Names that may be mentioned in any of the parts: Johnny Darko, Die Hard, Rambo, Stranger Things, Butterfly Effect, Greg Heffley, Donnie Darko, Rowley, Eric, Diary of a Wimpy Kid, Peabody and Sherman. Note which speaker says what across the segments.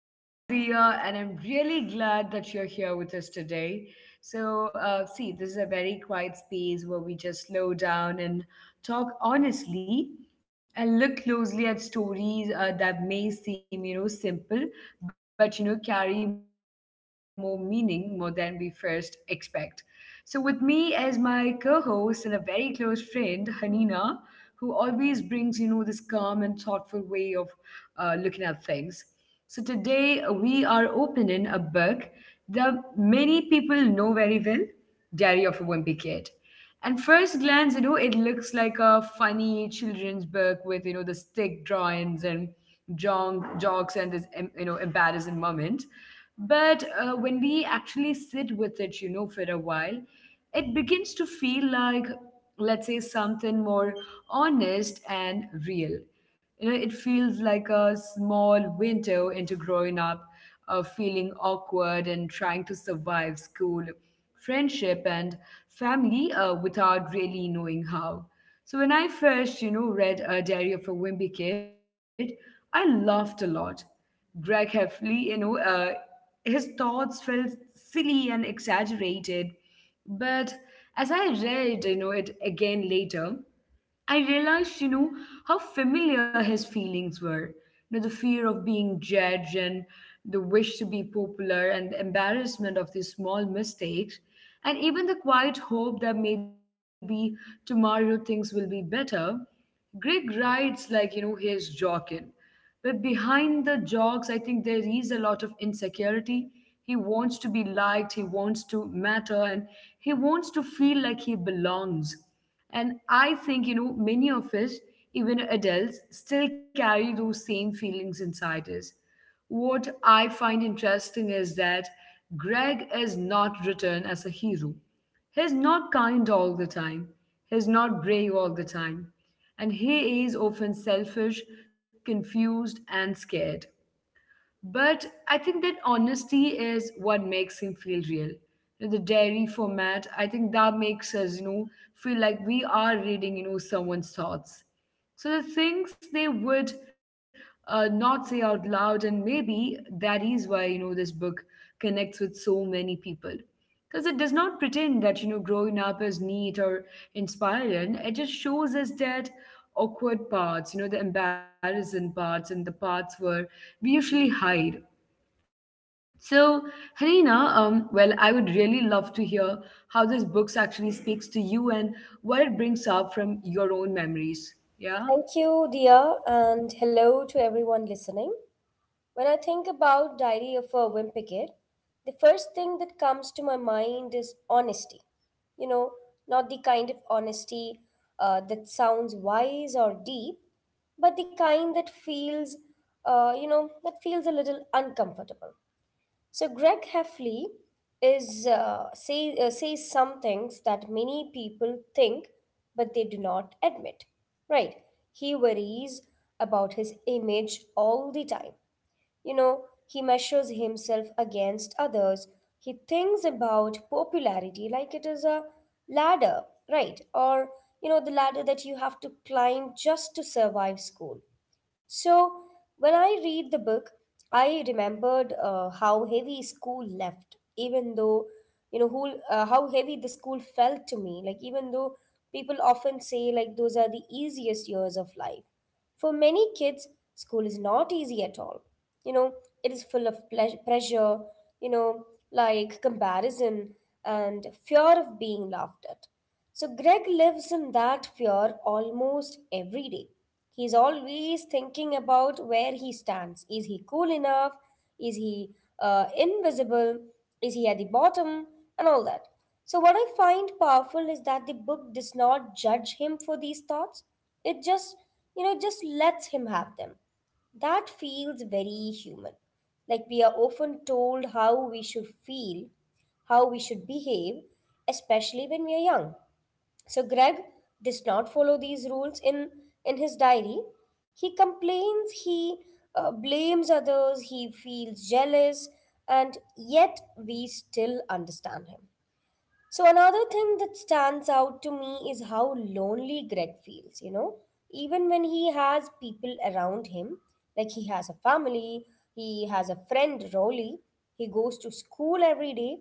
Speaker 1: I am Dia, and I'm really glad that you're here with us today. So this is a very quiet space where we just slow down and talk honestly and look closely at stories that may seem, simple, but, carry more meaning more than we first expect. So, with me as my co host and a very close friend, Hanina, who always brings, this calm and thoughtful way of looking at things. So, today we are opening a book that many people know very well, Diary of a Wimpy Kid. And first glance, it looks like a funny children's book with, the stick drawings and jokes and this embarrassing moment. But when we actually sit with it, for a while, it begins to feel like, let's say, something more honest and real. You know, it feels like a small window into growing up, feeling awkward and trying to survive school, friendship, and family without really knowing how. So when I first, read A Diary of a Wimpy Kid, I laughed a lot. Greg Heffley, his thoughts felt silly and exaggerated. But as I read, it again later, I realized, how familiar his feelings were. You know, the fear of being judged and the wish to be popular and the embarrassment of these small mistakes, and even the quiet hope that maybe tomorrow things will be better. Greg writes like, he's joking. But behind the jokes, I think there is a lot of insecurity. He wants to be liked, he wants to matter, and he wants to feel like he belongs. And I think, many of us, even adults, still carry those same feelings inside us. What I find interesting is that Greg is not written as a hero. He's not kind all the time. He's not brave all the time. And he is often selfish, confused, and scared. But I think that honesty is what makes him feel real. You know, The diary format, I think that makes us, feel like we are reading, someone's thoughts. So the things they would not say out loud, and maybe that is why this book connects with so many people, because it does not pretend that growing up is neat or inspiring. It just shows us that awkward parts, the embarrassing parts, and the parts where we usually hide. So, Harina, I would really love to hear how this book actually speaks to you and what it brings up from your own memories. Yeah.
Speaker 2: Thank you, dear, and hello to everyone listening. When I think about Diary of a Wimpy Kid, the first thing that comes to my mind is honesty. You know, not the kind of honesty that sounds wise or deep, but the kind that feels, that feels a little uncomfortable. So Greg Heffley says some things that many people think but they do not admit. Right? He worries about his image all the time. You know, he measures himself against others. He thinks about popularity like it is a ladder, right? Or, you know, the ladder that you have to climb just to survive school. So, when I read the book, I remembered how heavy school left, even though, you know, who, how heavy the school felt to me. Like, even though people often say, like, those are the easiest years of life. For many kids, school is not easy at all. You know, it is full of pressure, you know, like comparison and fear of being laughed at. So Greg lives in that fear almost every day. He's always thinking about where he stands. Is he cool enough? Is he invisible? Is he at the bottom? And all that. So, what I find powerful is that the book does not judge him for these thoughts. It just lets him have them. That feels very human. Like we are often told how we should feel, how we should behave, especially when we are young. So Greg does not follow these rules in his diary. He complains, he blames others, he feels jealous, and yet we still understand him. So, another thing that stands out to me is how lonely Greg feels, you know, even when he has people around him, like he has a family, he has a friend, Rolly, he goes to school every day,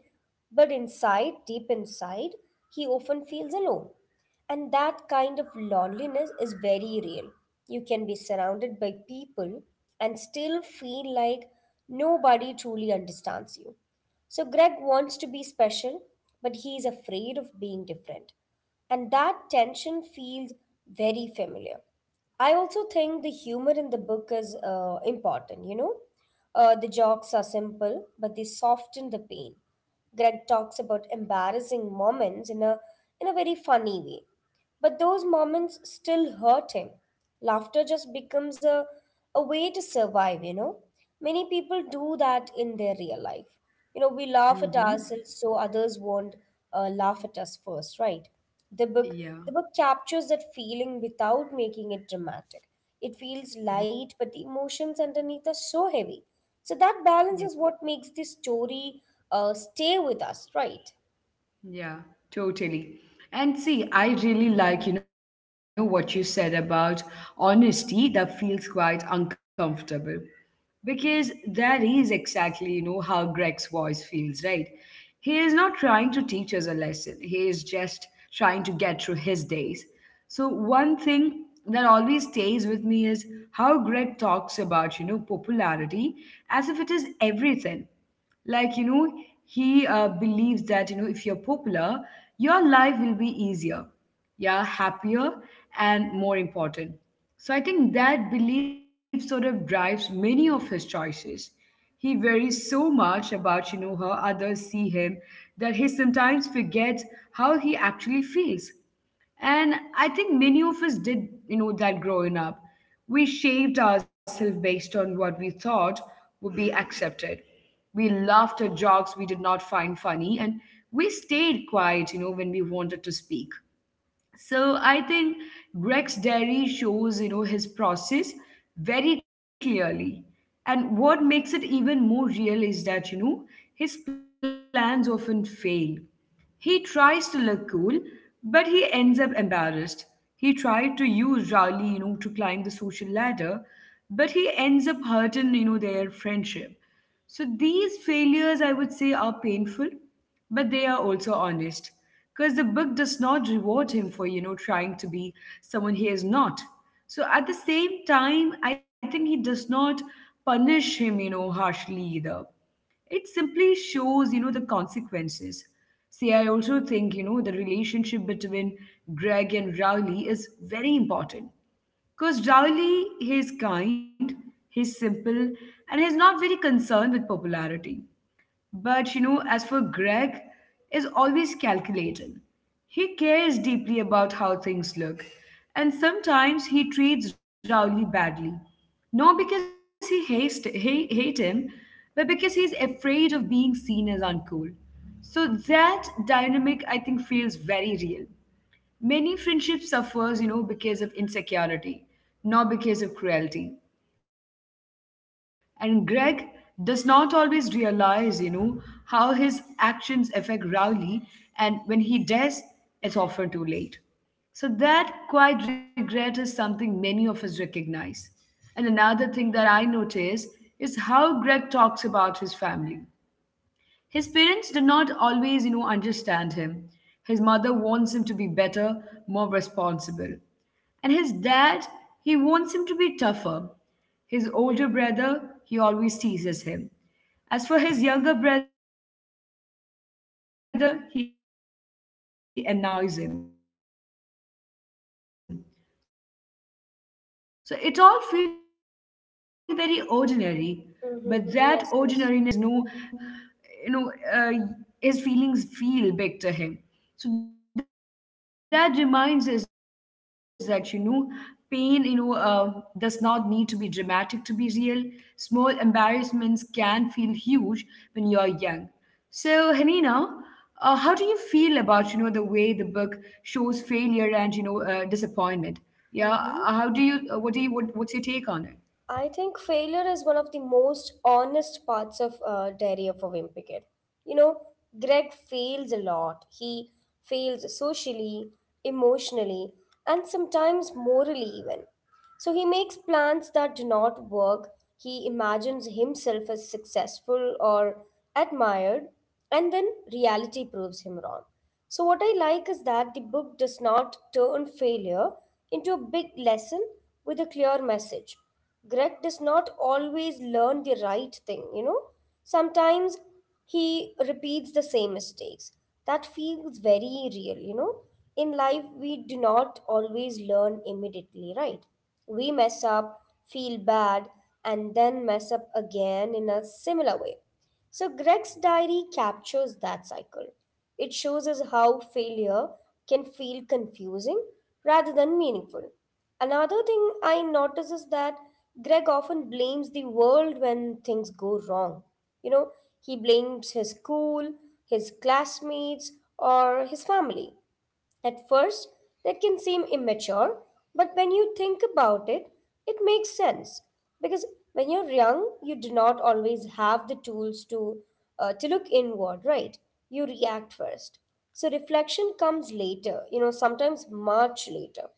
Speaker 2: but inside, deep inside, he often feels alone. And that kind of loneliness is very real. You can be surrounded by people and still feel like nobody truly understands you. So Greg wants to be special, but he is afraid of being different. And that tension feels very familiar. I also think the humor in the book is important, you know. The jokes are simple, but they soften the pain. Greg talks about embarrassing moments in a very funny way. But those moments still hurt him. Laughter just becomes a way to survive, you know. Many people do that in their real life. You know, we laugh at ourselves so others won't laugh at us first, right? The book
Speaker 1: Yeah.
Speaker 2: the book captures that feeling without making it dramatic. It feels
Speaker 1: Mhm.
Speaker 2: light, but the emotions underneath are so heavy. So that balance
Speaker 1: Yeah.
Speaker 2: is what makes this story stay with us, right?
Speaker 1: Yeah. Totally. And see, I really like, what you said about honesty that feels quite uncomfortable. Because that is exactly, how Greg's voice feels, right? He is not trying to teach us a lesson. He is just trying to get through his days. So one thing that always stays with me is how Greg talks about, popularity as if it is everything, like he believes that if you're popular your life will be easier, yeah, happier and more important. So I think that belief sort of drives many of his choices. He worries so much about how others see him that he sometimes forgets how he actually feels. And I think many of us did, that growing up. We shaped ourselves based on what we thought would be accepted. We laughed at jokes we did not find funny, and we stayed quiet, when we wanted to speak. So I think Greg's diary shows, his process very clearly. And what makes it even more real is that, his plans often fail. He tries to look cool, but he ends up embarrassed. He tried to use Riley, to climb the social ladder, but he ends up hurting, their friendship. So these failures, I would say, are painful, but they are also honest. Because the book does not reward him for, trying to be someone he is not. So at the same time, I think he does not punish him, harshly either. It simply shows the consequences. See, I also think the relationship between Greg and Rowley is very important. Because Rowley, he's kind, he's simple, and he's not very concerned with popularity. But as for Greg, is always calculating. He cares deeply about how things look, and sometimes he treats Rowley badly. Not because he hates hate, hate him, but because he's afraid of being seen as uncool. So that dynamic, I think, feels very real. Many friendships suffers, because of insecurity, not because of cruelty. And Greg does not always realize, how his actions affect Rowley, and when he does, it's often too late. So that quiet regret is something many of us recognize. And another thing that I notice is how Greg talks about his family. His parents did not always, understand him. His mother wants him to be better, more responsible. And his dad, he wants him to be tougher. His older brother, he always teases him. As for his younger brother, he annoys him. So it all feels very ordinary, but that ordinariness,
Speaker 2: Mm-hmm.
Speaker 1: I would
Speaker 2: Yes,
Speaker 1: say, that
Speaker 2: yes.
Speaker 1: matters. Because Greg's life's not dramatic, there is no big tragedies, and yet I think his feelings, you know uh, his feelings feel big to him. So that reminds us that pain, does not need to be dramatic to be real. Small embarrassments can feel huge when you are young. So, Hanina, how do you feel about
Speaker 2: Mm-hmm.
Speaker 1: the way the book shows failure and
Speaker 2: I think failure is one of the
Speaker 1: disappointment?
Speaker 2: most
Speaker 1: Yeah.
Speaker 2: honest
Speaker 1: How do
Speaker 2: parts
Speaker 1: you
Speaker 2: of
Speaker 1: what do you what,
Speaker 2: Diary of a
Speaker 1: what's your
Speaker 2: Wimpy
Speaker 1: take
Speaker 2: Kid.
Speaker 1: on it?
Speaker 2: You know, Greg fails a lot. He fails socially, emotionally, and sometimes morally even. So he makes plans that do not work. He imagines himself as successful or admired, and then reality proves him wrong. So, what I like is that the book does not turn failure into a big lesson with a clear message. Greg does not always learn the right thing, you know? Sometimes he repeats the same mistakes. That feels very real, you know? In life, we do not always learn immediately, right? We mess up, feel bad, and then mess up again in a similar way. So, Greg's diary captures that cycle. It shows us how failure can feel confusing rather than meaningful. Another thing I notice is that Greg often blames the world when things go wrong. You know, he blames his school, his classmates, or his family. At first, that can seem immature, but when you think about it, it makes sense. Because when you're young, you do not always have the tools to to look inward, right? You react first. So reflection comes later, you know, sometimes much later.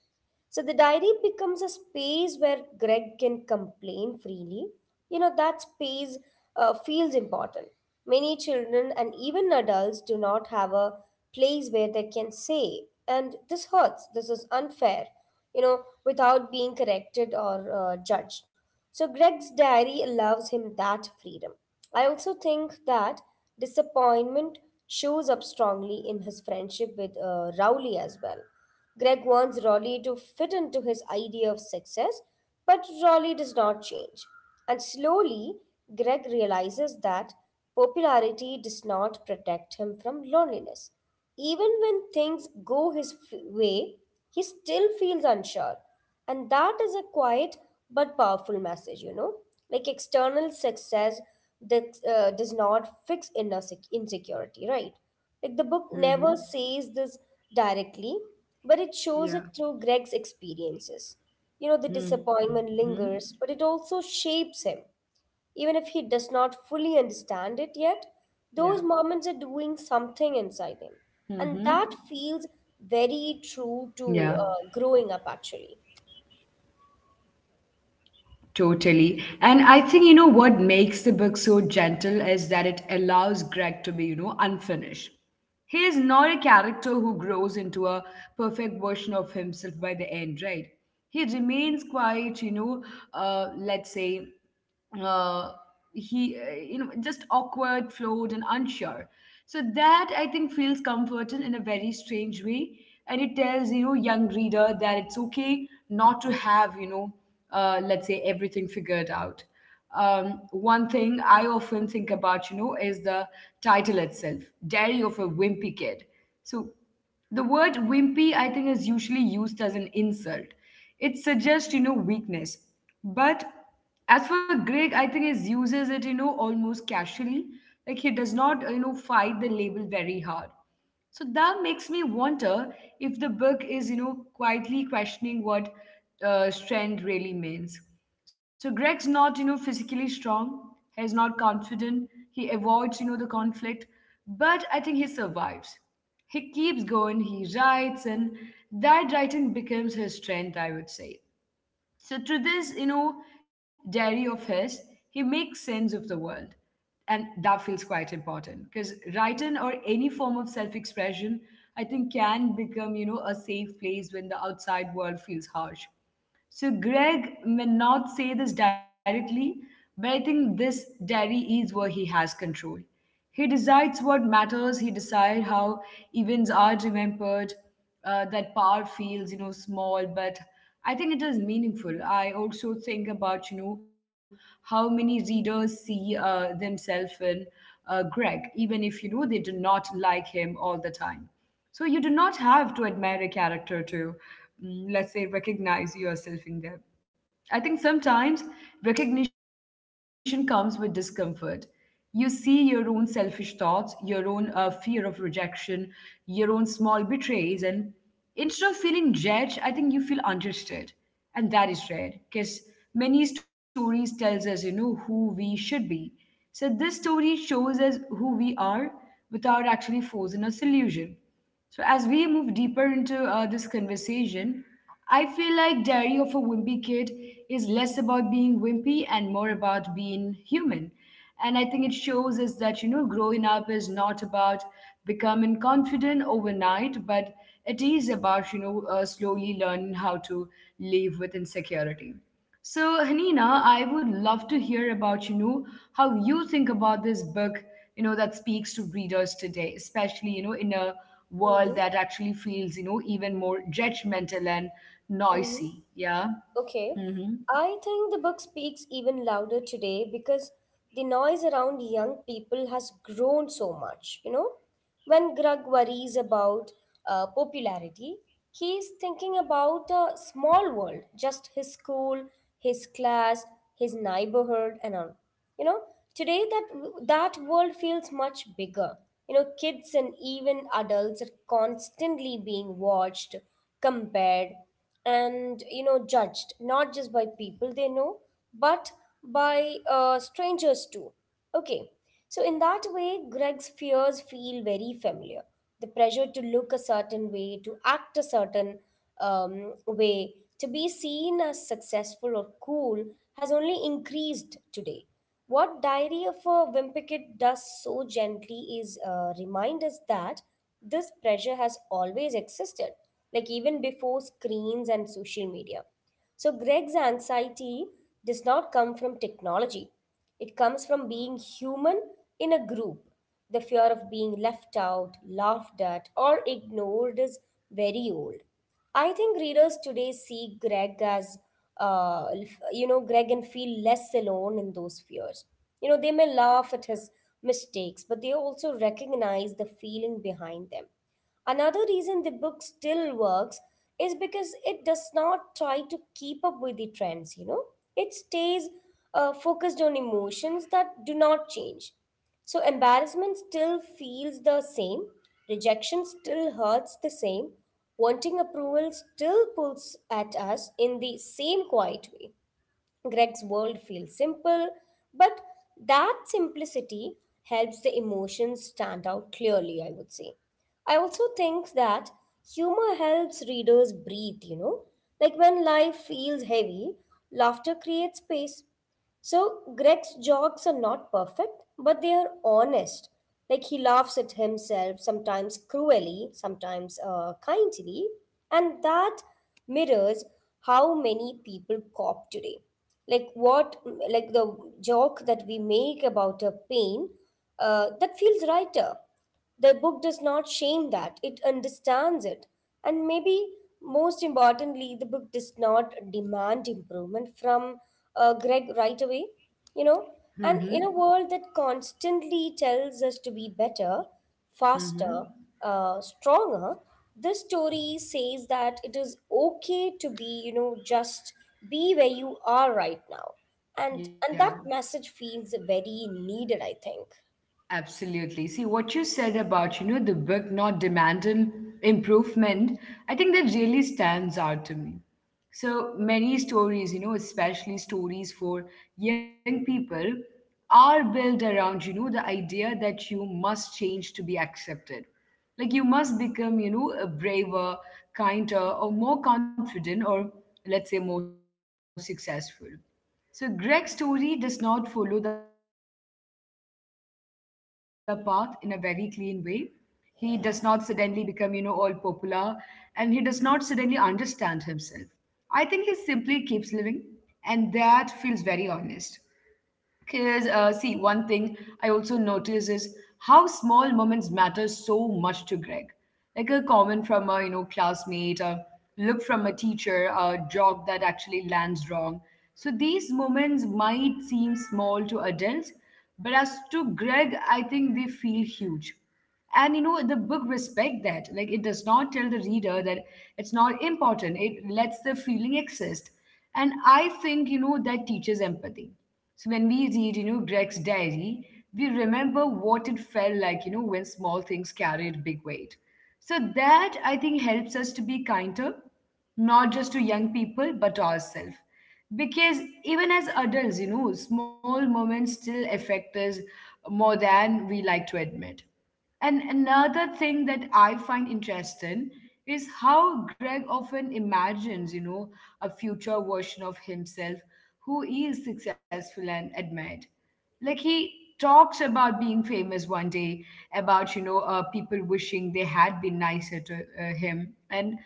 Speaker 2: So the diary becomes a space where Greg can complain freely. You know, that space feels important. Many children and even adults do not have a place where they can say, and this hurts, this is unfair, you know, without being corrected or judged. So Greg's diary allows him that freedom. I also think that disappointment shows up strongly in his friendship with Rowley as well. Greg wants Rolly to fit into his idea of success, but Rolly does not change. And slowly, Greg realizes that popularity does not protect him from loneliness. Even when things go way, he still feels unsure. And that is a quiet but powerful message, you know. Like external success does not fix insecurity, right? Like the book never says this
Speaker 1: Mm-hmm.
Speaker 2: directly, but it shows it through Greg's
Speaker 1: Yeah.
Speaker 2: experiences. You know, the disappointment lingers, but it also
Speaker 1: Mm-hmm.
Speaker 2: shapes him. Even if he does not fully understand it
Speaker 1: Yeah.
Speaker 2: yet, those moments are doing something inside him.
Speaker 1: Mm-hmm.
Speaker 2: And that feels very
Speaker 1: Yeah.
Speaker 2: true to growing up, actually.
Speaker 1: Totally. And I think, what makes the book so gentle is that it allows Greg to be, unfinished. He is not a character who grows into a perfect version of himself by the end, right? He remains quiet, you know, let's say, uh, he, you know, just awkward, flawed, and unsure. So that I think feels comforting in a very strange way. And it tells, young reader that it's okay not to have, let's say everything figured out. One thing I often think about, is the title itself, Diary of a Wimpy Kid. So, the word wimpy, I think, is usually used as an insult. It suggests, weakness. But as for Greg, I think he uses it, almost casually. Like he does not, fight the label very hard. So that makes me wonder if the book is, quietly questioning what strength really means. So Greg's not, physically strong. He's not confident. He avoids, the conflict. But I think he survives. He keeps going. He writes, and that writing becomes his strength, I would say. So through this, diary of his, he makes sense of the world. And that feels quite important because writing or any form of self-expression, I think can become, a safe place when the outside world feels harsh. So Greg may not say this directly, but I think this diary is where he has control. He decides what matters. He decides how events are remembered. That power feels, small, but I think it is meaningful. I also think about, how many readers see themselves in Greg, even if they do not like him all the time. So you do not have to admire a character to, let's say, recognize yourself in them. I think sometimes recognition comes with discomfort. You see your own selfish thoughts, your own fear of rejection, your own small betrays, and instead of feeling judged, I think you feel understood. And that is rare because many stories tells us, who we should be. So this story shows us who we are without actually forcing a solution. So, as we move deeper into this conversation, I feel like Diary of a Wimpy Kid is less about being wimpy and more about being human. And I think it shows us that, growing up is not about becoming confident overnight, but it is about, slowly learning how to live with insecurity. So, Hanina, I would love to hear about, how you think about this book, that speaks to readers today, especially, in a world
Speaker 2: Mm-hmm.
Speaker 1: that actually feels, even more judgmental and
Speaker 2: Mm-hmm.
Speaker 1: noisy. Yeah.
Speaker 2: Okay,
Speaker 1: Mm-hmm.
Speaker 2: I think the book speaks even louder today because the noise around young people has grown so much. You know, when Greg worries about popularity, he's thinking about a small world, just his school, his class, his neighborhood, and all. You know, today that world feels much bigger. You know, kids and even adults are constantly being watched, compared, and you know judged, not just by people they know, but by strangers too. Okay, so in that way, Greg's fears feel very familiar. The pressure to look a certain way, to act a certain way, to be seen as successful or cool has only increased today. What Diary of a Wimpy Kid does so gently is remind us that this pressure has always existed, like even before screens and social media. So, Greg's anxiety does not come from technology, it comes from being human in a group. The fear of being left out, laughed at, or ignored is very old. I think readers today see Greg as, uh, Greg, and feel less alone in those fears. You know, they may laugh at his mistakes, but they also recognize the feeling behind them. Another reason the book still works is because it does not try to keep up with the trends, you know. It stays focused on emotions that do not change. So embarrassment still feels the same, rejection still hurts the same, wanting approval still pulls at us in the same quiet way. Greg's world feels simple, but that simplicity helps the emotions stand out clearly, I would say. I also think that humor helps readers breathe, you know. Like when life feels heavy, laughter creates space. So Greg's jokes are not perfect, but they are honest. Like he laughs at himself, sometimes cruelly, sometimes kindly, and that mirrors how many people cop today. Like what, like the joke that we make about a pain, that feels lighter. The book does not shame that, it understands it. And maybe most importantly, the book does not demand improvement from Greg right away. You know, and
Speaker 1: Mm-hmm.
Speaker 2: in a world that constantly tells us to be better, faster,
Speaker 1: Mm-hmm.
Speaker 2: stronger, this story says that it is okay to be, you know, just be where you are right now. And
Speaker 1: Yeah,
Speaker 2: that message feels very needed, I think.
Speaker 1: absolutely. See, what you said about, the book not demanding improvement, I think that really stands out to me. So many stories, especially stories for young people, are built around, the idea that you must change to be accepted. Like you must become, a braver, kinder, or more confident, or let's say more successful. So Greg's story does not follow the path in a very clean way. He does not suddenly become, all popular and he does not suddenly understand himself. I think he simply keeps living and that feels very honest. Because see, one thing I also notice is how small moments matter so much to Greg. Like a comment from a classmate, a look from a teacher, a joke that actually lands wrong. So these moments might seem small to adults, but as to Greg, I think they feel huge, and the book respect that. Like it does not tell the reader that it's not important, it lets the feeling exist. And I think that teaches empathy. So when we read, Greg's diary, we remember what it felt like when small things carried big weight. So that, I think, helps us to be kinder, not just to young people but to ourselves, because even as adults, small moments still affect us more than we like to admit. And another thing that I find interesting is how Greg often imagines, a future version of himself who is successful and admired. Like he talks about being famous one day, about, people wishing they had been nicer to him. And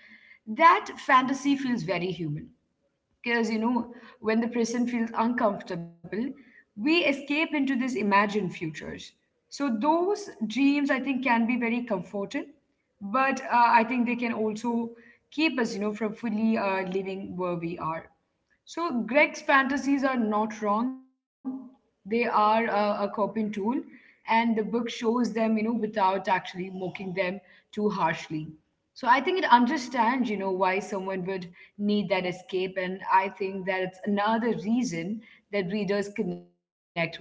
Speaker 1: that fantasy feels very human, because when the present feels uncomfortable we escape into these imagined futures. So those dreams, I think, can be very comforting, but I think they can also keep us from fully living where we are. So Greg's fantasies are not wrong. They are a coping tool, and the book shows them, without actually mocking them too harshly. So I think it understands, why someone would need that escape, and I think that it's another reason that readers connect with Greg,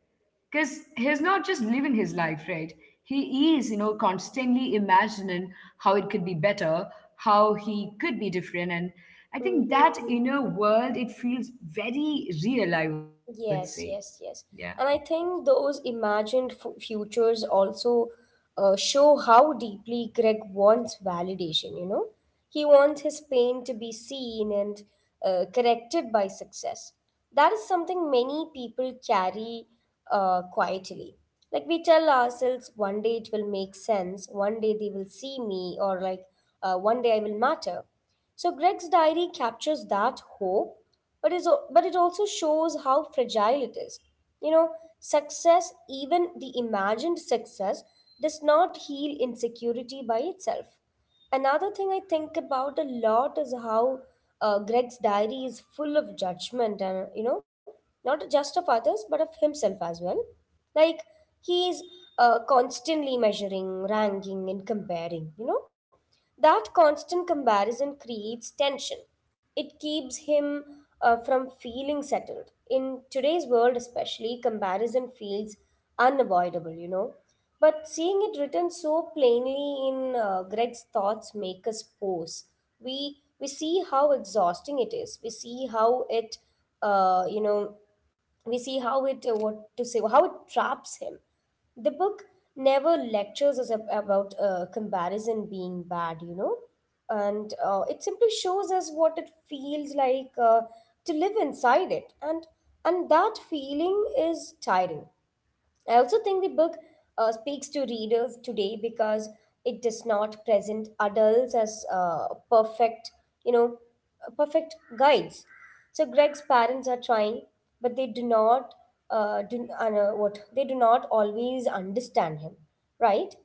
Speaker 1: because he's not just living his life, right? He is, constantly imagining how it could be better, how he could be different, and I think
Speaker 2: Mhm.
Speaker 1: that inner world, it feels very real, I would
Speaker 2: Yes,
Speaker 1: say.
Speaker 2: yes, yes.
Speaker 1: Yeah.
Speaker 2: And I think those futures also show how deeply Greg wants validation, you know? He wants his pain to be seen and corrected by success. That is something many people carry quietly. Like we tell ourselves, one day it will make sense, one day they will see me, or like one day I will matter. So Greg's diary captures that hope, but it also shows how fragile it is. You know, success, even the imagined success, does not heal insecurity by itself. Another thing I think about a lot is how Greg's diary is full of judgment, and you know, not just of others but of himself as well. Like he's constantly measuring, ranking, and comparing. You know that constant comparison creates tension. It keeps him from feeling settled. In today's world, especially, comparison feels unavoidable, you know. But seeing it written so plainly in Greg's thoughts make us pause. We see how exhausting it is. We see how it, uh, you know, we see how it what to say how it traps him. The book never lectures us about comparison being bad. And It simply shows us what it feels like to live inside it, and that feeling is tiring. I also think the book speaks to readers today because it does not present adults as perfect, you know, perfect guides. So Greg's parents are trying, but they do not do what they do not always understand him, right?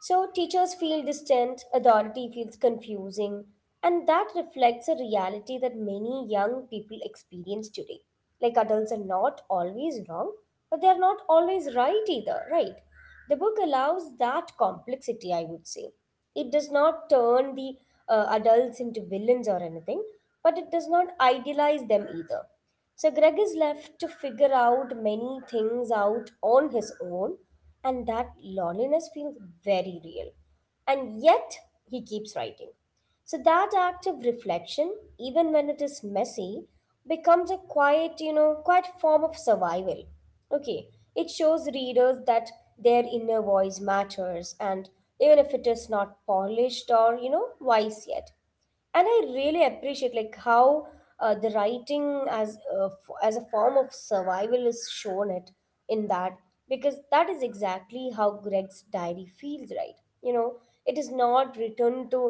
Speaker 2: So teachers feel distant, authority feels confusing, and that reflects a reality that many young people experience today. Like adults are not always wrong, but they are not always right either, right? The book allows that complexity, I would say. It does not turn the adults into villains or anything, but it does not idealize them either. So Greg is left to figure out many things out on his own, and that loneliness feels very real. And yet he keeps writing. So that act of reflection, even when it is messy, becomes a quiet, quiet form of survival. Okay, it shows readers that their inner voice matters, and even if it is not polished or wise yet. And I really appreciate like how the writing as a, as a form of survival is shown it in that, because that is exactly how Greg's diary feels, right? You know, it is not written to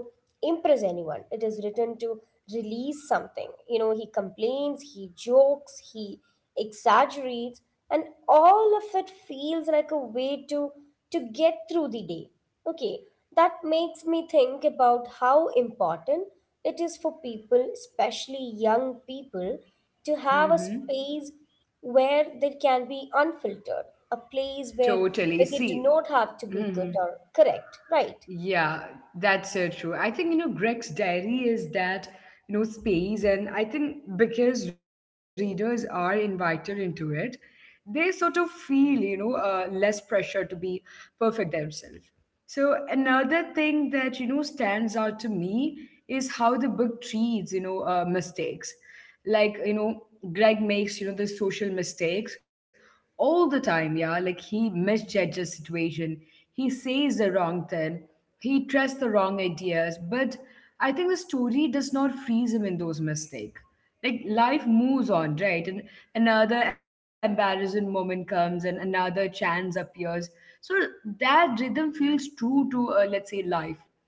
Speaker 2: impress anyone, it is written to release something. You know, he complains, he jokes, he exaggerates, and all of it feels like a way to get through the day. Okay, that makes me think about how important it is for people, especially young people, to have a
Speaker 1: Mm-hmm.
Speaker 2: space where they can be unfiltered, a place
Speaker 1: Totally.
Speaker 2: where they
Speaker 1: See.
Speaker 2: do not have to be
Speaker 1: Mm-hmm.
Speaker 2: good or correct, right?
Speaker 1: Yeah, that's so true. I think, Greg's diary is that, space. And I think because readers are invited into it, they sort of feel, less pressure to be perfect themselves. So another thing that, stands out to me is how the book treats, mistakes. Like Greg makes the social mistakes all the time, yeah. Like he misjudges situation, he says the wrong thing, he trusts the wrong ideas, but I think the story does not freeze him in those mistakes. Like life moves on, right? And another embarrassing moment comes and another chance appears. So that rhythm feels true to let's say life.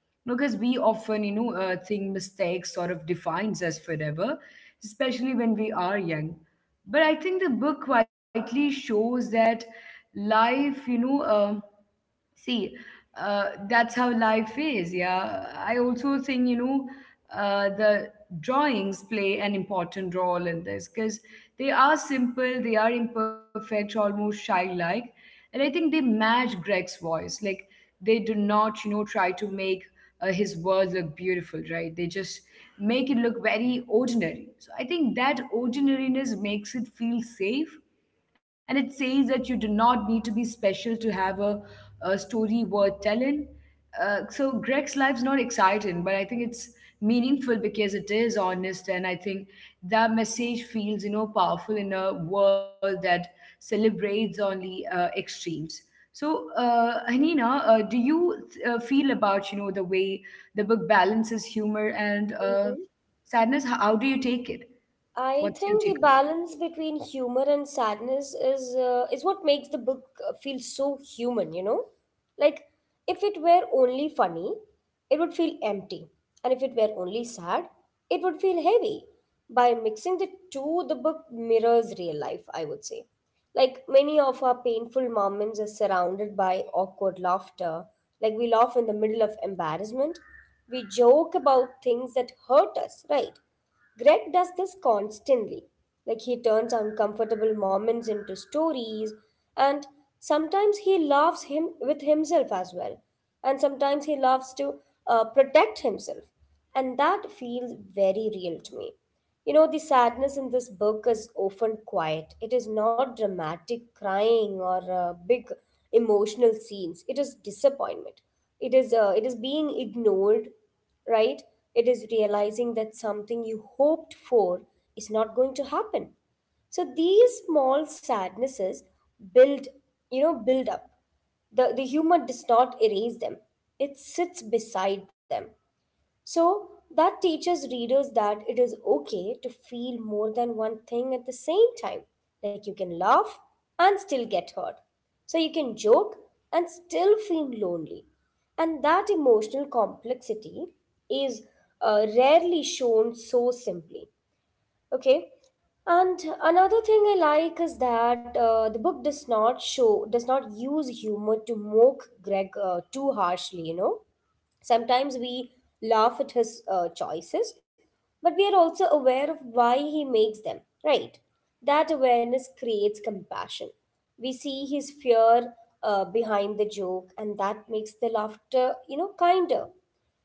Speaker 1: No, because we often, think mistakes sort of defines us forever, especially when we are young. But I think the book quietly shows that life, See, that's how life is. Yeah. I also think, the drawings play an important role in this because they are simple, they are imperfect, almost childlike. And I think they match Greg's voice. Like, they do not, try to make his world look beautiful, right? They just make it look very ordinary. So I think that ordinariness makes it feel safe, and it says that you do not need to be special to have a story worth telling. So Greg's life's not exciting, but I think it's meaningful because it is honest, and I think that message feels powerful in a world that celebrates only extremes. So, Hanina, do you feel about the way the book balances humor and
Speaker 2: Mhm.
Speaker 1: sadness? How do you take it?
Speaker 2: I
Speaker 1: What's your
Speaker 2: think the
Speaker 1: take on
Speaker 2: balance between humor and sadness is what makes the book feel so human, you know? Like if it were only funny, it would feel empty, and if it were only sad, it would feel heavy. By mixing the two, the book mirrors real life, I would say. Like many of our painful moments are surrounded by awkward laughter. Like we laugh in the middle of embarrassment. We joke about things that hurt us, right? Greg does this constantly. Like he turns uncomfortable moments into stories, and sometimes he laughs him with himself as well, and sometimes he laughs to protect himself, and that feels very real to me. You know, the sadness in this book is often quiet. It is not dramatic crying or big emotional scenes. It is disappointment. It is being ignored, right? It is realizing that something you hoped for is not going to happen. So these small sadnesses build, you know, build up. The humor does not erase them, it sits beside them. So that teaches readers that it is okay to feel more than one thing at the same time. Like you can laugh and still get hurt. So you can joke and still feel lonely. And that emotional complexity is rarely shown so simply. Okay. And another thing I like is that the book does not use humor to mock Greg too harshly, you know. Sometimes we laugh at his choices, but we are also aware of why he makes them, right? That awareness creates compassion. We see his fear behind the joke, and that makes the laughter, you know, kinder.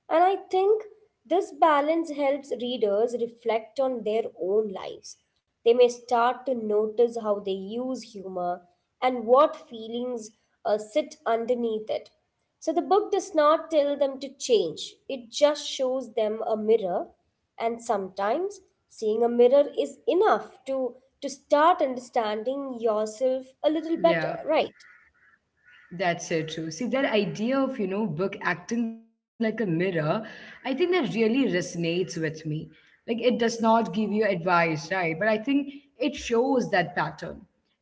Speaker 2: And I think this balance helps readers reflect on their own lives. They may start to notice how they use humor and what feelings sit underneath it. So the book does not tell them to change, it just shows them a mirror. And sometimes seeing a mirror is enough to start understanding yourself a little
Speaker 1: it? Yeah.
Speaker 2: better, right?
Speaker 1: That's so true. See, that idea of, book acting like a mirror, I think that really resonates with me. Like, it does not give you advice, right? But I think it shows that pattern.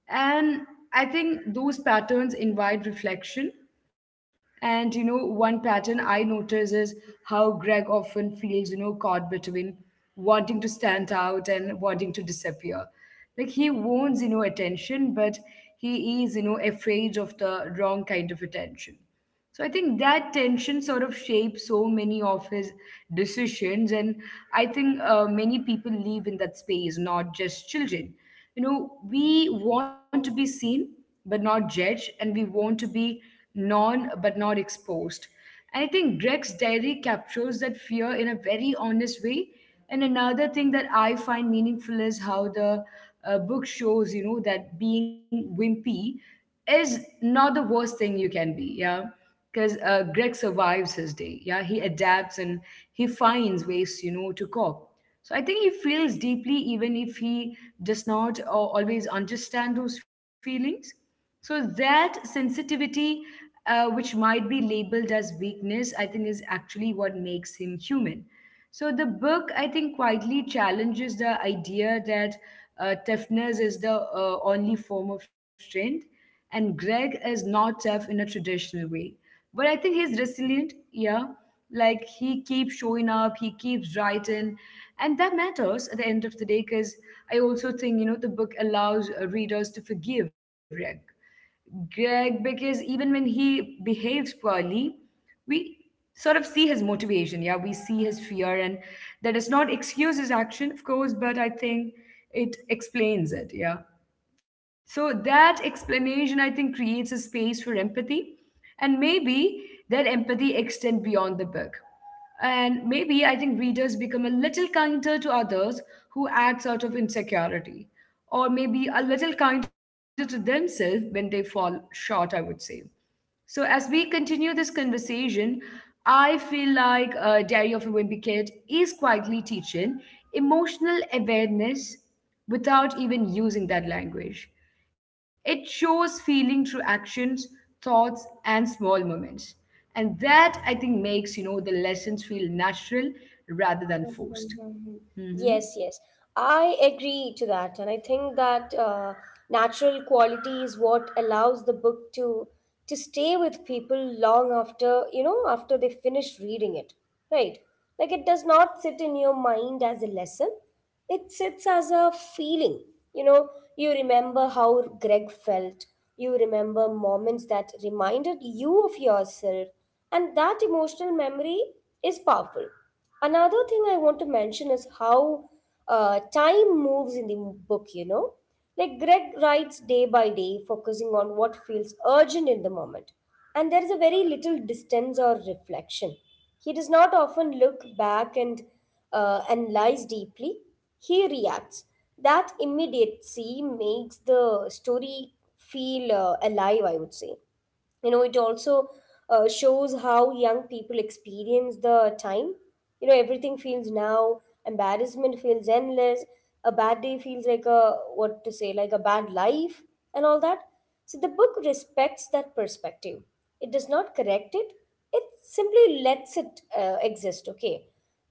Speaker 1: And I think those patterns invite reflection. And one pattern I notice is how Greg often feels, caught between wanting to stand out and wanting to disappear. Like he wants, attention, but he is, afraid of the wrong kind of attention. So I think that tension sort of shapes so many of his decisions, and I think many people live in that space, not just children. You know, we want to be seen but not judged, and we want to be known but not exposed. And I think Greg's diary captures that fear in a very honest way. And another thing that I find meaningful is how the book shows, that being wimpy is not the worst thing you can be, yeah. Because Greg survives his day, yeah. He adapts and he finds ways, to cope. So I think he feels deeply, even if he does not always understand those feelings. So that sensitivity, which might be labeled as weakness, I think is actually what makes him human. So the book, I think, quietly challenges the idea that toughness is the only form of strength, and Greg is not tough in a traditional way. But I think he's resilient, yeah. Like he keeps showing up, he keeps writing, and that matters at the end of the day. Because I also think the book allows readers to forgive Greg because even when he behaves poorly, we sort of see his motivation. Yeah, we see his fear, and that does not excuse his action, of course, but I think it explains it. Yeah. So that explanation, I think, creates a space for empathy, and maybe that empathy extend beyond the book. And maybe I think readers become a little kinder to others who act out of insecurity, or maybe a little kinder to themselves when they fall short, I would say. So, as we continue this conversation, I feel like Diary of a Wimpy Kid is quietly teaching emotional awareness without even using that language. It shows feeling through actions, thoughts, and small moments. And that, I think, makes, the lessons feel natural rather than
Speaker 2: Mhm.
Speaker 1: forced.
Speaker 2: Mhm.
Speaker 1: Hmm.
Speaker 2: Yes, yes. I agree to that. And I think that natural quality is what allows the book to stay with people long after, you know, after they finish reading it. Right? Like it does not sit in your mind as a lesson. It sits as a feeling. You know, you remember how Greg felt. You remember moments that reminded you of yourself. And that emotional memory is powerful. Another thing I want to mention is how time moves in the book, you know. Like Greg writes day by day, focusing on what feels urgent in the moment. And there is a very little distance or reflection. He does not often look back and analyze deeply. He reacts. That immediacy makes the story feel alive, I would say. You know, it also shows how young people experience the time. You know, everything feels now, embarrassment feels endless, a bad day feels like a what to say like a bad life, and all that. So the book respects that perspective, it does not correct it, it simply lets it exist. Okay,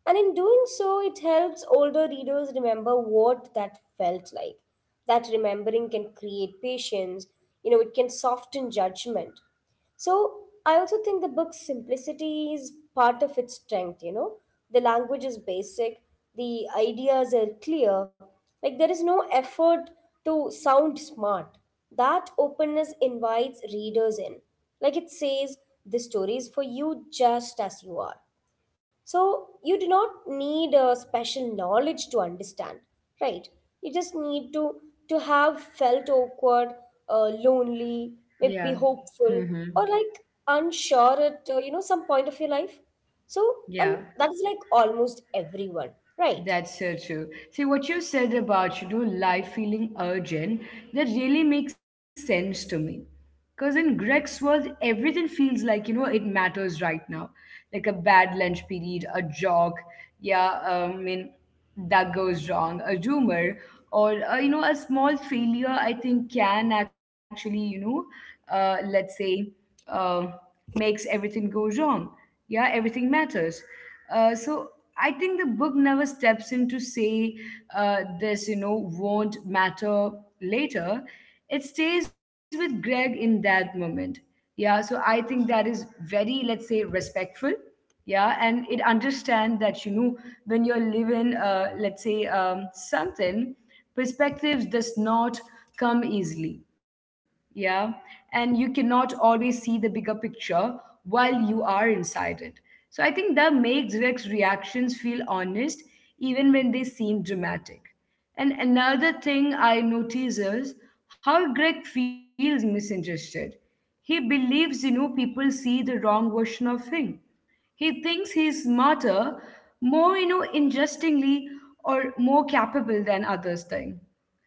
Speaker 2: and in doing so it helps older readers remember what that felt like. That remembering can create patience, you know, it can soften judgment. So I also think the book's simplicity is part of its strength, you know. The language is basic, the ideas are clear, like there is no effort to sound smart. That openness invites readers in. Like it says, the story is for you just as you are. So you do not need a special knowledge to understand, right? You just need to have felt awkward, lonely,
Speaker 1: Yeah.
Speaker 2: maybe
Speaker 1: Hmm.
Speaker 2: hopeful, or like unsure at some point of your life. So, and
Speaker 1: Yeah,
Speaker 2: that is like almost everyone, right?
Speaker 1: that's so true. See, what you said about, life feeling urgent, that really makes sense to me. Because in Greg's world, everything feels like, it matters right now. Like a bad lunch period, a jog, yeah, I mean, that goes wrong, a rumor or a small failure, I think can actually let's say uh, makes everything go wrong. Yeah, everything matters. So I think the book never steps in to say this won't matter later. It stays with Greg in that moment. Yeah. So I think that is very, let's say, respectful. Yeah. And it understand that when you're living let's say something, perspectives does not come easily. Yeah. And you cannot always see the bigger picture while you are inside it. So I think that makes Rex reactions feel honest even when they seem dramatic. And another thing I notice is how Greg feels misunderstood. He believes, people see the wrong version of him. He thinks he's smarter, more, interestingly, or more capable than others think.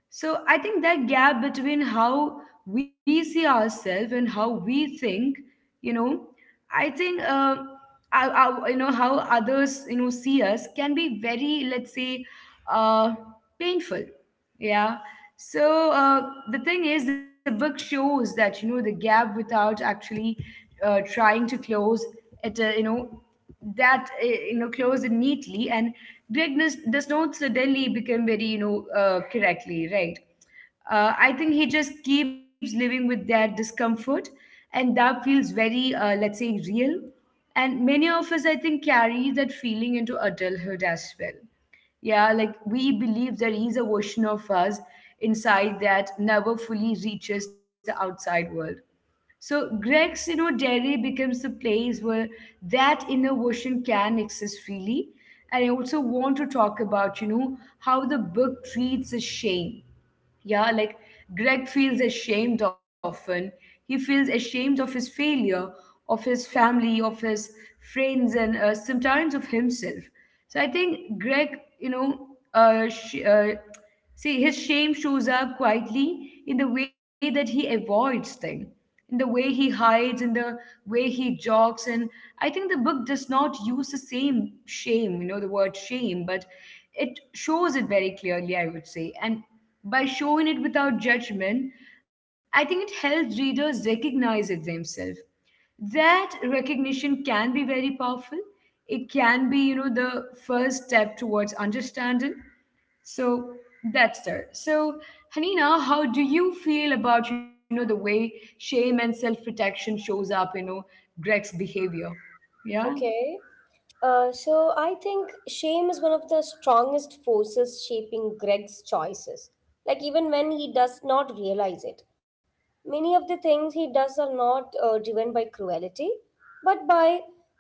Speaker 1: So I think that gap between how we see ourselves and how we think, you know, I think, how others, see us can be very, let's say, uh, painful. Yeah. So the thing is, the book shows that, the gap without actually trying to close it, that closed it neatly, and Greg does not suddenly become very correctly right. I think he just keeps living with that discomfort, and that feels very let's say real. And many of us, I think, carry that feeling into adulthood as well. Yeah, like we believe there is a version of us inside that never fully reaches the outside world. So Greg's, dairy becomes the place where that inner version can exist freely. And I also want to talk about, how the book treats the shame. Yeah, like Greg feels ashamed often. He feels ashamed of his failure, of his family, of his friends, and sometimes of himself. So I think Greg, you know, sh- See, his shame shows up quietly in the way that he avoids things, in the way he hides, in the way he jogs. And I think the book does not use the same shame, the word shame, but it shows it very clearly, I would say. And by showing it without judgment, I think it helps readers recognize it themselves. That recognition can be very powerful. It can be, you know, the first step towards understanding. So that's there. So, Hanina, how do you feel about, you know, the way shame and self-protection shows up, you know, Greg's behavior? Yeah.
Speaker 2: Okay. So I think shame is one of the strongest forces shaping Greg's choices. Like even when he does not realize it, many of the things he does are not driven by cruelty, but by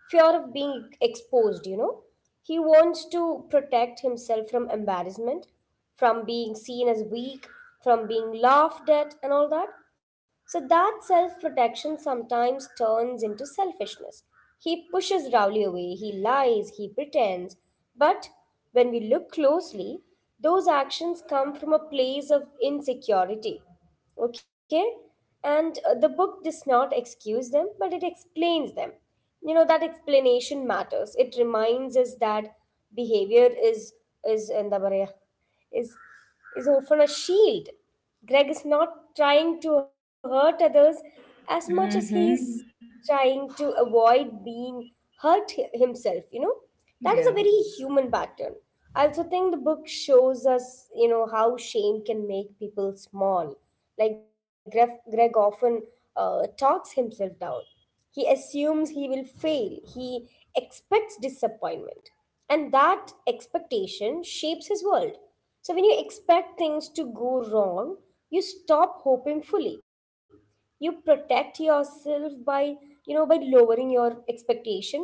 Speaker 2: fear of being exposed. You know, he wants to protect himself from embarrassment, from being seen as weak, from being laughed at, and all that. So that self protection sometimes turns into selfishness. He pushes Rowley away, he lies, he pretends. But when we look closely, those actions come from a place of insecurity. Okay? And the book does not excuse them, but it explains them. You know, that explanation matters, it reminds us that behavior is എന്താ പറയുക is is often a shield. Greg is not trying to hurt others as much as he is
Speaker 1: Mm-hmm.
Speaker 2: trying to avoid being hurt himself, you know. That is a
Speaker 1: Yeah.
Speaker 2: very human pattern. I also think the book shows us, you know, how shame can make people small. Like Greg often talks himself down. He assumes he will fail. He expects disappointment. And that expectation shapes his world. So, when you expect things to go wrong, you stop hoping fully. You protect yourself by, you know, by lowering your expectations.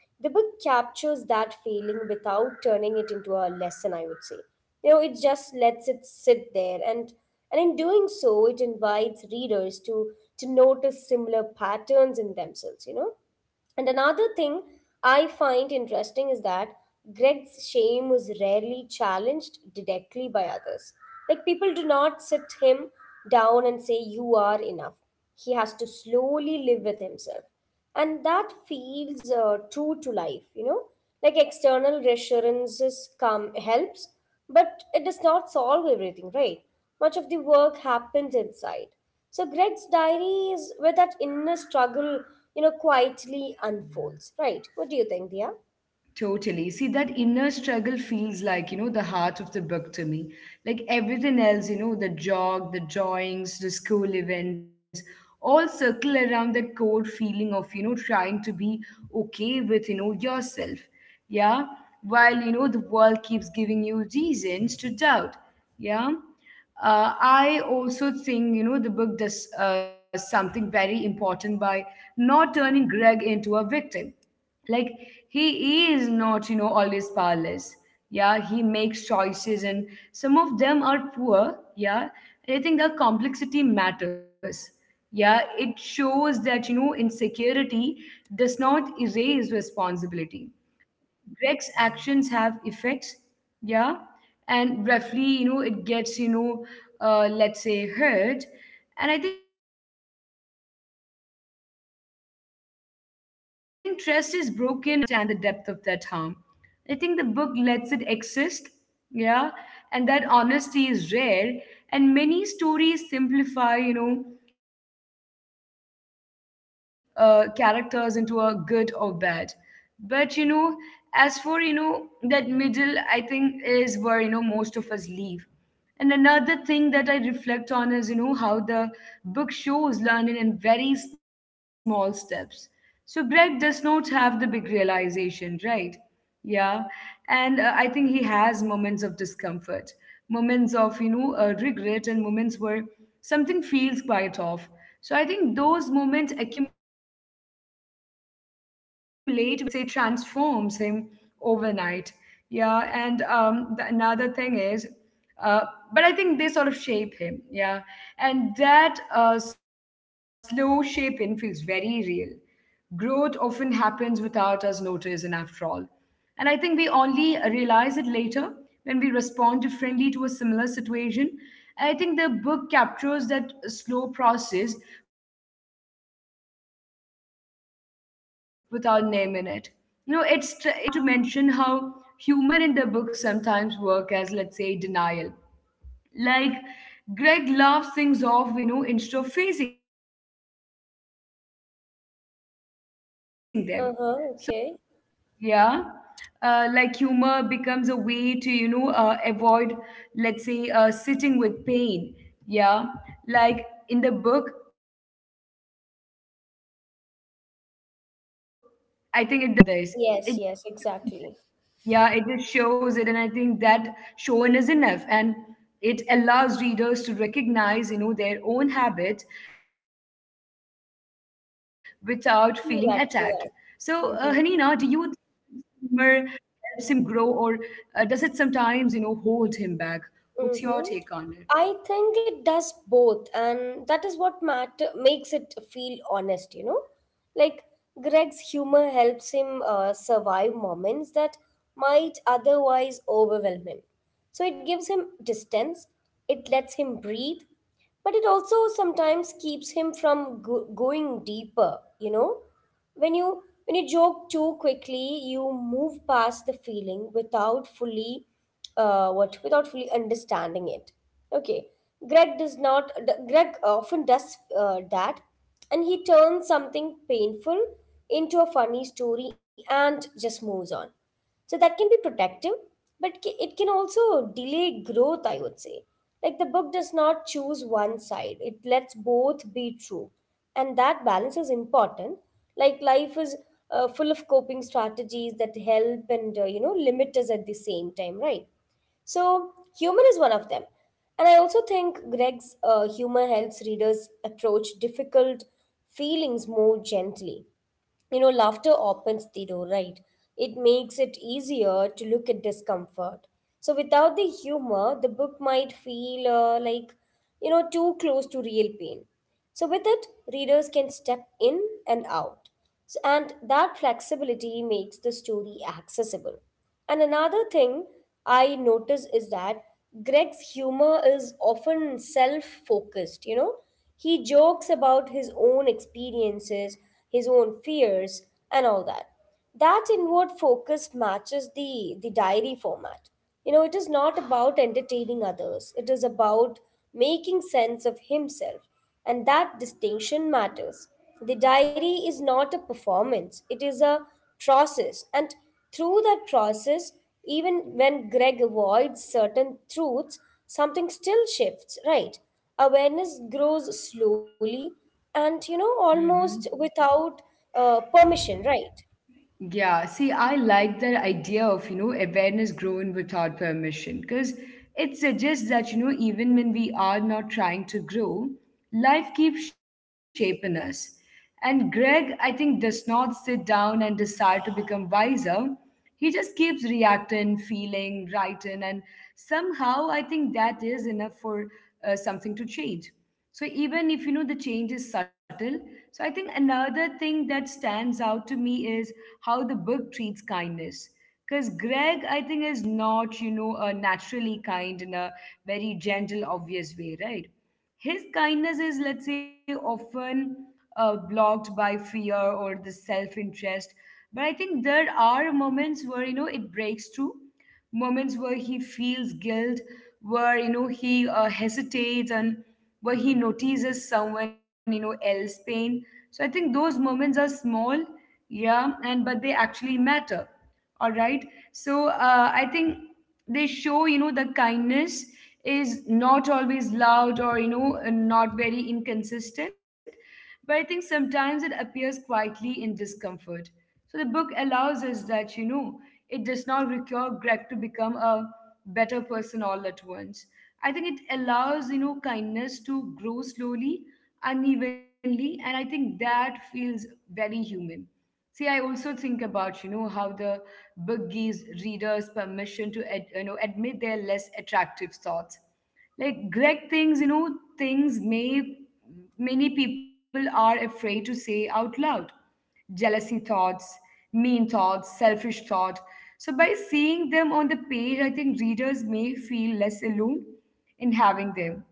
Speaker 2: The book captures that feeling without turning it into a lesson, I would say. You know, it just lets it sit there, and in doing so it invites readers to notice similar patterns in themselves, you know? And another thing I find interesting is that Greg's shame was rarely challenged directly by others. Like people do not sit him down and say, "You are enough." He has to slowly live with himself. And that feels true to life, you know? Like external reassurances come helps, but it does not solve everything, right? Much of the work happens inside. So Greg's diary is where that inner struggle, you know, quietly unfolds, right? What do you think, Dia?
Speaker 1: Totally. See, that inner struggle feels like, you know, the heart of the book to me. Like everything else, you know, the jog, the drawings, the school events, all circle around that core feeling of, you know, trying to be okay with, you know, yourself. Yeah. While, you know, the world keeps giving you reasons to doubt. Yeah. I also think, you know, the book does something very important by not turning Greg into a victim, like he is not, you know, always powerless. Yeah, he makes choices, and some of them are poor. Yeah. And I think that complexity matters. Yeah. It shows that, you know, insecurity does not erase responsibility. Greg's actions have effects, yeah, and roughly, you know, it gets, you know, let's say hurt. And I think trust is broken, and even through Greg may not, you know, fully understand the depth of that harm. I think the book lets it exist. Yeah. And that honesty is rare. And many stories simplify, you know, characters into a good or bad. But, you know, as for, you know, that middle, I think, is where, you know, most of us leave. And another thing that I reflect on is, you know, how the book shows learning in very small steps. So Greg does not have the big realization, right? Yeah. And I think he has moments of discomfort, moments of, regret, and moments where something feels quite off. So I think those moments accumulate very quietly, and let's say they do not, you know, let's say transforms him overnight. Yeah, and another thing is. Uh, but I think they sort of shape him, yeah. And that slow shaping feels very real. Growth often happens without us noticing, after all. And I think we only realize it later when we respond differently to a similar situation. And I think the book captures that slow process without naming it. You know, it trusts the reader to, you know, feel it. And I also want to mention how humor in the book sometimes work as, let's say, denial. Like Greg laughs things off, you know, instead of facing them. So that, I think, is something many people.
Speaker 2: Uh-huh, okay.
Speaker 1: Yeah. Like humor becomes a way to, avoid, let's say, sitting with pain. Yeah. Like in the book, I think it does not, you know, sort of criticize, right? You know, this.
Speaker 2: Yes,
Speaker 1: It,
Speaker 2: yes, exactly.
Speaker 1: yeah, it just shows it, and I think that showing is enough, and it allows readers to recognize, you know, their own habit without feeling attacked. So, Hanina, do
Speaker 2: True that,
Speaker 1: you
Speaker 2: true that.
Speaker 1: think humor
Speaker 2: Mm-hmm.
Speaker 1: helps him grow, or does it sometimes, you know, hold him back? What's your take on it?
Speaker 2: Mm-hmm. I think it does both, and that is what matter makes it feel honest, you know? Like Greg's humor helps him survive moments that might otherwise overwhelm him. So it gives him distance, it lets him breathe, but it also sometimes keeps him from going deeper. You know, when you joke too quickly, you move past the feeling without fully what without fully understanding it. Okay. Greg does not d- greg often does that, and he turns something painful into a funny story and just moves on. So that can be protective, but it can also delay growth, I would say. Like the book does not choose one side, it lets both be true, and that balance is important. Like life is full of coping strategies that help and limit us at the same time, right? So, humor is one of them. And I also think Greg's humor helps readers approach difficult feelings more gently. You know, laughter opens the door, right? It makes it easier to look at discomfort. So, without the humor, the book might feel like, you know, too close to real pain. So, with it, readers can step in and out. So, and that flexibility makes the story accessible. And another thing I notice is that Greg's humor is often self focused, you know. He jokes about his own experiences, his own fears, and all that. That inward focus matches the diary format. You know, it is not about entertaining others, it is about making sense of himself, and that distinction matters. The diary is not a performance, it is a process, and through that process, even when Greg avoids certain truths, something still shifts, right? Awareness grows slowly and you know almost
Speaker 1: Mm-hmm.
Speaker 2: without permission, right?
Speaker 1: Yeah, see, I like that idea of, you know, awareness growing without permission, because it suggests that, you know, even when we are not trying to grow, life keeps shaping us. And Greg, I think, does not sit down and decide to become wiser. He just keeps reacting, feeling, writing, and somehow I think that is enough for something to change. So even if, you know, the change is subtle, so I think another thing that stands out to me is how the book treats kindness. Because Greg, I think, is not, you know, a naturally kind in a very gentle, obvious way, right? His kindness is, let's say, often blocked by fear or the self interest. But I think there are moments where, you know, it breaks through, moments where he feels guilt, where, you know, he hesitates, and where he notices someone, you know, else pain. So I think those moments are small, yeah, and but they actually matter. All right. So I think they show, you know, the kindness is not always loud or, you know, not very inconsistent. But I think sometimes it appears quietly in discomfort. So the book allows us that, you know. It does not require Greg to become a better person all at once. I think it allows, you know, kindness to grow slowly, unevenly, and I think that feels very human. See, I also think about, you know, how the book gives readers permission to, you know, admit their less attractive thoughts. Like Greg thinks, you know, things may many people are afraid to say out loud. Jealousy thoughts, mean thoughts, selfish thought. So by seeing them on the page, I think readers may feel less alone in having them.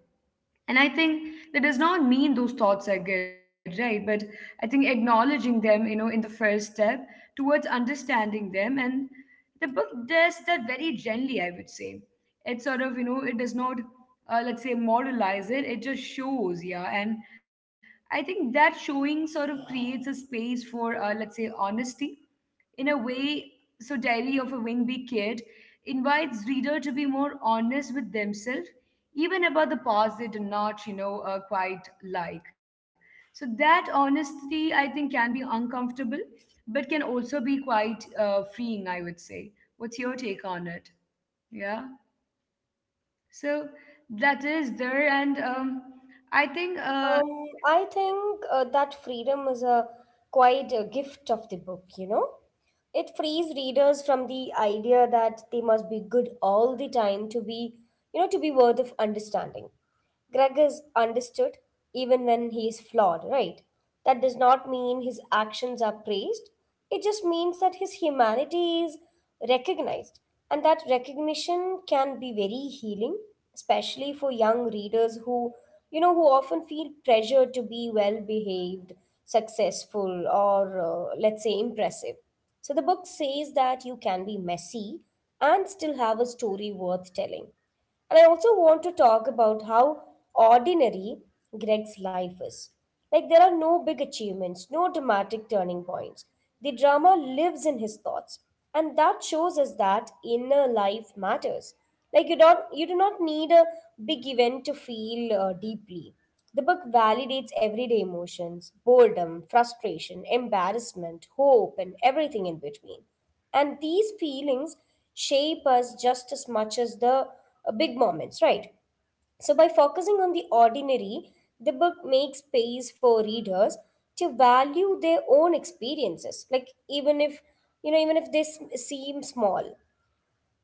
Speaker 1: And I think that does not mean those thoughts are good, right? But I think acknowledging them, you know, in the first step towards understanding them. And the book does that very gently, I would say. It sort of, you know, it does not let's say moralize it. It just shows, yeah. And I think that showing sort of creates a space for, let's say, honesty in a way. So Diary of a Wingby Kid invites reader to be more honest with themselves, even about the parts they do not, you know, quite like. So that honesty, I think, can be uncomfortable, but can also be quite freeing, I would say. What's your take on it? Yeah. So that is there, and I think
Speaker 2: Um, i think uh, that freedom is a quite a gift of the book, you know. It frees readers from the idea that they must be good all the time to be, you know, to be worth of understanding. Greg is understood even when he is flawed, right? That does not mean his actions are praised. It just means that his humanity is recognized, and that recognition can be very healing, especially for young readers who, you know, who often feel pressure to be well behaved, successful, or let's say impressive. So the book says that you can be messy and still have a story worth telling. And I also want to talk about how ordinary Greg's life is. Like, there are no big achievements, no dramatic turning points. The drama lives in his thoughts, and that shows us that inner life matters. Like, you do not need a big event to feel deeply. The book validates everyday emotions: boredom, frustration, embarrassment, hope, and everything in between. And these feelings shape us just as much as the big moments, right? So, by focusing on the ordinary, the book makes space for readers to value their own experiences, like even if, you know, even if they seem small.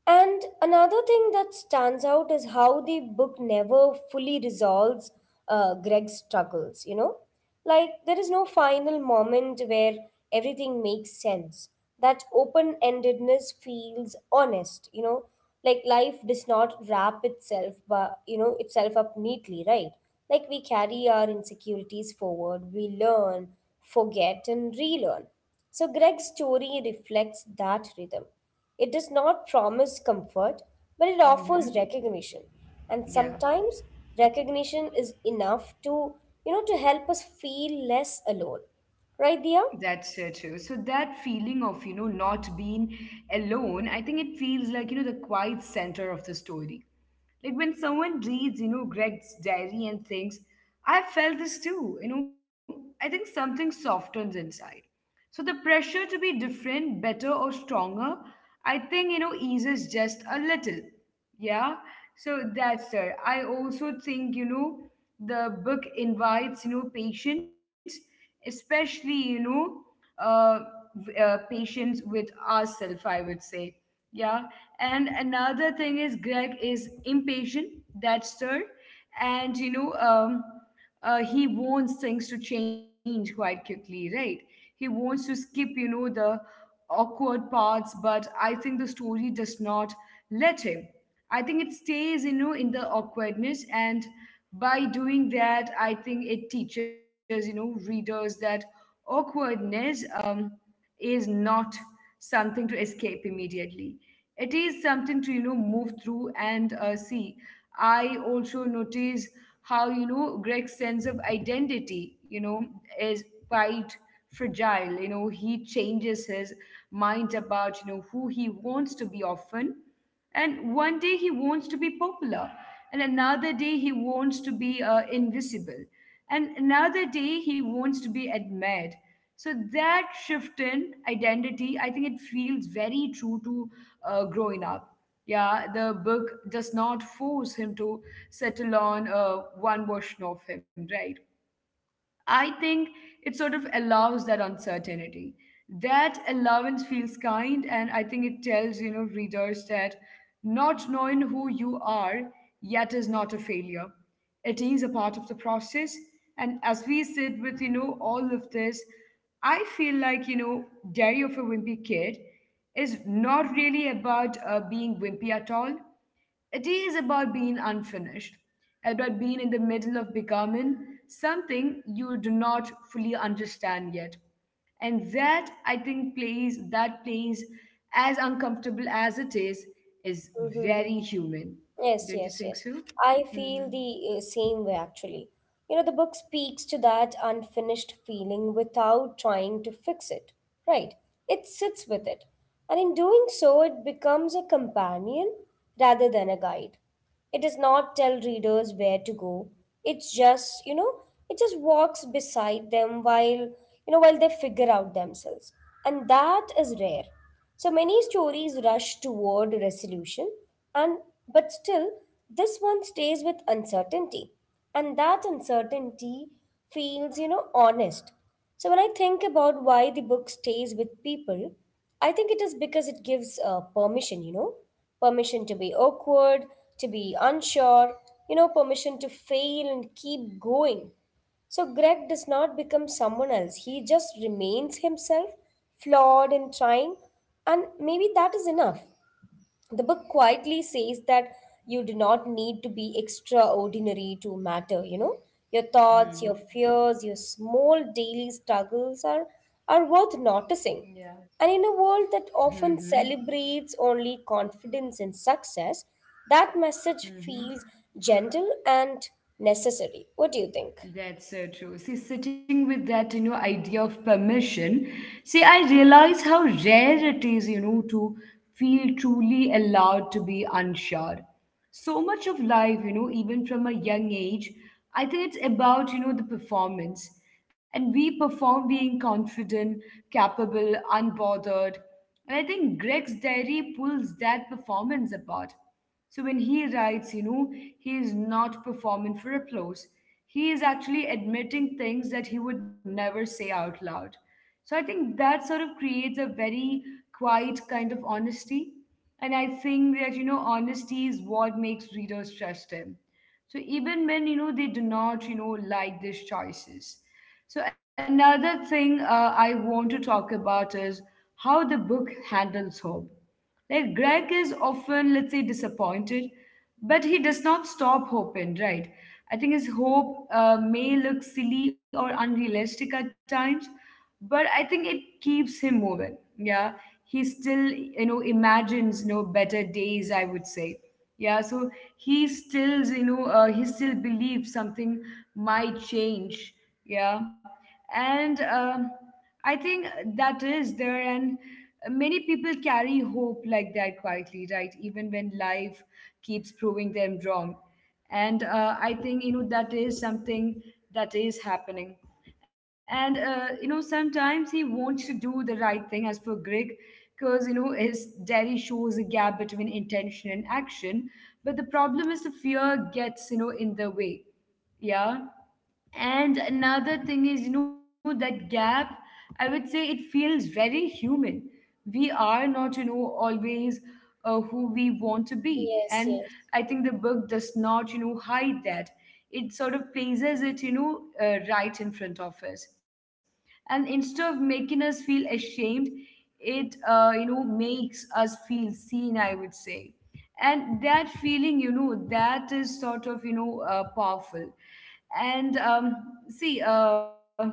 Speaker 2: And another thing that stands out is how the book never fully resolves Greg's struggles, you know? Like, there is no final moment where everything makes sense. That open endedness feels honest, you know? Like, life does not wrap itself, but, you know, itself up neatly, right? Like, we carry our insecurities forward, we learn, forget, and relearn. So, Greg's story reflects that rhythm. It does not promise comfort, but it offers
Speaker 1: mhm.
Speaker 2: recognition. And
Speaker 1: Yeah.
Speaker 2: sometimes recognition is enough to, you know, to help us feel less alone. Right, Dia?
Speaker 1: That's so true. So that feeling of, you know, not being alone, I think it feels like, you know, the quiet center of the story. Like when someone reads, you know, Greg's diary and thinks, I felt this too, you know, I think something softens inside. So the pressure to be different, better, or stronger, I think, you know, eases just a little. Yeah. So that's there. I also think, you know, the book invites, you know, patience, especially, you know, uh, patience with ourselves, I would say. Yeah. And another thing is Greg is impatient. That's there. And, you know, he wants things to change quite quickly, right? He wants to skip, you know, the awkward parts, but I think the story does not let him. I think it stays, you know, in the awkwardness, and by doing that, I think it teaches, you know, readers that awkwardness. Is not something to escape immediately. It is something to, you know, move through and see. I also notice how, you know, Greg's sense of identity, you know, is quite fragile. You know, he changes his mind about, you know, who he wants to be often. And one day he wants to be popular, and another day he wants to be invisible, and another day he wants to be admired. So that shift in identity, I think it feels very true to growing up. Yeah, the book does not force him to settle on one version of him, right? I think it sort of allows that uncertainty. That allowance feels kind, and I think it tells, you know, readers that not knowing who you are yet is not a failure. It is a part of the process, and as we sit with, you know, all of this, I feel like, you know, Diary of a Wimpy Kid is not really about being wimpy at all. It is about being unfinished, about being in the middle of becoming something you do not fully understand yet. And that, I think, plays as uncomfortable as it is
Speaker 2: Mm-hmm.
Speaker 1: very human.
Speaker 2: Yes,
Speaker 1: Don't you
Speaker 2: yes,
Speaker 1: think
Speaker 2: yes.
Speaker 1: so?
Speaker 2: I feel
Speaker 1: Mm-hmm.
Speaker 2: the same way actually. You know, the book speaks to that unfinished feeling without trying to fix it, right? It sits with it. And in doing so, it becomes a companion rather than a guide. It does not tell readers where to go. It just, you know, it just walks beside them while, you know, while they figure out themselves. And that is rare. So many stories rush toward resolution, and but still this one stays with uncertainty, and that uncertainty feels, you know, honest. So when I think about why the book stays with people, I think it is because it gives permission, you know, permission to be awkward, to be unsure, you know, permission to fail and keep going. So Greg does not become someone else. He just remains himself, flawed and trying, and maybe that is enough. The book quietly says that you do not need to be extraordinary to matter, you know. Your thoughts, your
Speaker 1: Mm-hmm.
Speaker 2: fears, your small daily struggles are worth
Speaker 1: Yeah.
Speaker 2: noticing. And in a world that
Speaker 1: Mm-hmm.
Speaker 2: often celebrates only confidence and success, that message
Speaker 1: Mm-hmm.
Speaker 2: feels gentle and necessary. What do you think?
Speaker 1: That's so true. See, sitting with that, you know, idea of permission, see, I realize how rare it is, you know, to feel truly allowed to be unsure. So much of life, you know, even from a young age, I think it's about, you know, the performance. And we perform being confident, capable, unbothered. And I think Greg's diary pulls that performance apart. So when he writes, you know, he is not performing for applause. He is actually admitting things that he would never say out loud. So I think that sort of creates a very quiet kind of honesty. And I think that, honesty is what makes readers trust him. So even when, they do not, like these choices. So another thing I want to talk about is how the book handles hope like Greg is often, let's say, disappointed, but he does not stop hoping, right? I think his hope may look silly or unrealistic at times, but I think it keeps him moving. Yeah, he still, imagines, better days, I would say, yeah. So he still, he still believes something might change. Yeah, and I think that is there, and many people carry hope like that quietly, right? Even when life keeps proving them wrong. And I think, that is something that is happening. And, sometimes he wants to do the right thing as per Greg, because, his diary shows a gap between intention and action. But the problem is the fear gets, in the way. Yeah. And another thing is, that gap, I would say it feels very human. We are not, always who we want to be.
Speaker 2: Yes,
Speaker 1: And
Speaker 2: yes.
Speaker 1: I think the book does not, hide that. It sort of places it, right in front of us. And instead of making us feel ashamed, it, makes us feel seen, I would say. And that feeling, that is sort of powerful. And see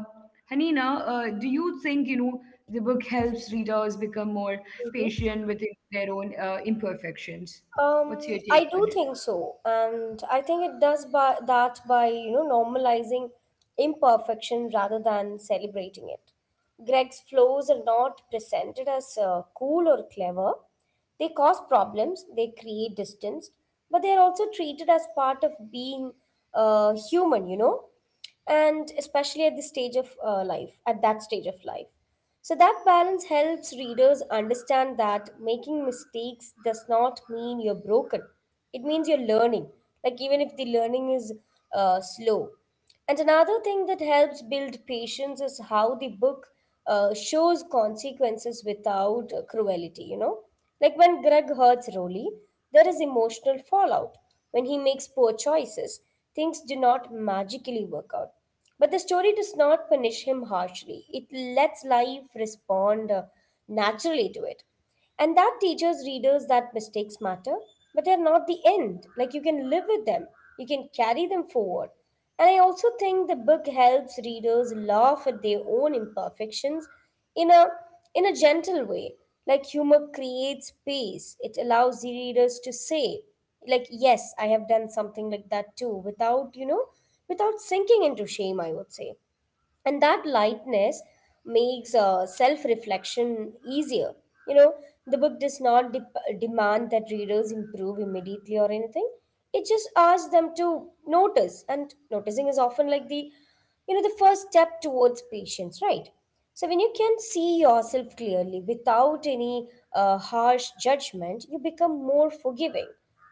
Speaker 1: Hanina, do you think the book helps readers become more
Speaker 2: Hmm.
Speaker 1: patient with their own imperfections? What's your take
Speaker 2: I
Speaker 1: on
Speaker 2: do
Speaker 1: it?
Speaker 2: think so, and I think it does by that by, you know, normalizing imperfection rather than celebrating it. Greg's flows are not presented as cool or clever. They cause problems. They create distance, but they are also treated as part of being human. You know, and especially at this stage of life, at that stage of life. So that balance helps readers understand that making mistakes does not mean you're broken. It means you're learning, like even if the learning is slow. And another thing that helps build patience is how the book shows consequences without cruelty, you know? Like when Greg hurts Rolly, there is emotional fallout. When he makes poor choices, things do not magically work out. But the story does not punish him harshly. It lets life respond naturally to it. And that teaches readers that mistakes matter, but they're not the end. Like you can live with them, you can carry them forward. And I also think the book helps readers laugh at their own imperfections in a in a gentle way. Like humor creates space. It allows the readers to say, like, yes, I have done something like that too, without, you know, without sinking into shame, I would say. And that lightness makes self-reflection easier, you know. The book does not dep demand that readers improve immediately or anything. It just asks them to notice, and noticing is often like the, you know, the first step towards patience, right? So when you can see yourself clearly without any harsh judgment, you become more forgiving.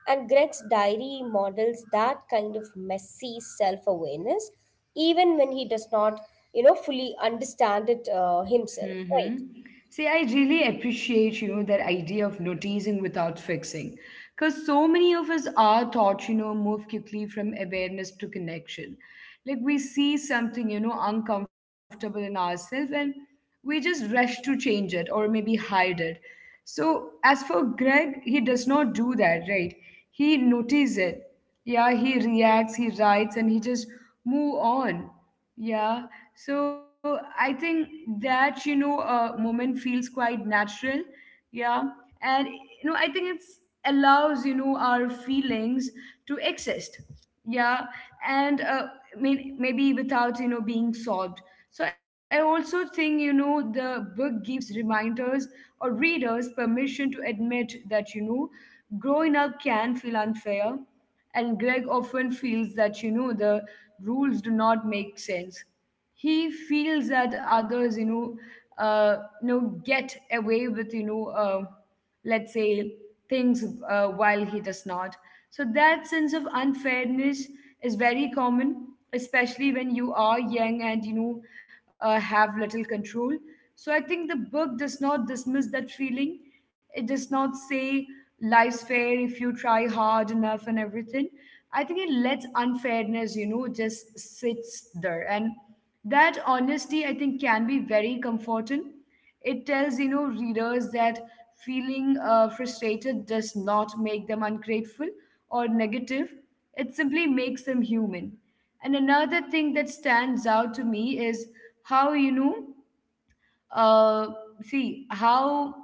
Speaker 2: And Greg's diary models that kind of messy self awareness, even when he does not, you know, fully understand it himself, right?
Speaker 1: Mm-hmm. See, I really appreciate, that idea of noticing without fixing. Because so many of us are taught, move quickly from awareness to connection. Like we see something, uncomfortable in ourselves and we just rush to change it or maybe hide it. So, as for Greg, he does not do that, right? He notices it. Yeah, he reacts, he writes, and he just move on. Yeah, so I think that moment feels quite natural. Yeah, and I think it's allows our feelings to exist. Yeah, and maybe without being solved. So I also think the book gives reminders or readers permission to admit that growing up can feel unfair, and Greg often feels that the rules do not make sense. He feels that others uh, you know get away with let's say things while he does not. So that sense of unfairness is very common, especially when you are young and have little control. So I think the book does not dismiss that feeling. It does not say life's fair if you try hard enough and everything. I think it lets unfairness, just sits there. And that honesty, I think, can be very comforting. It tells, readers that feeling frustrated does not make them ungrateful or negative. It simply makes them human. And another thing that stands out to me is how, you know, uh, see how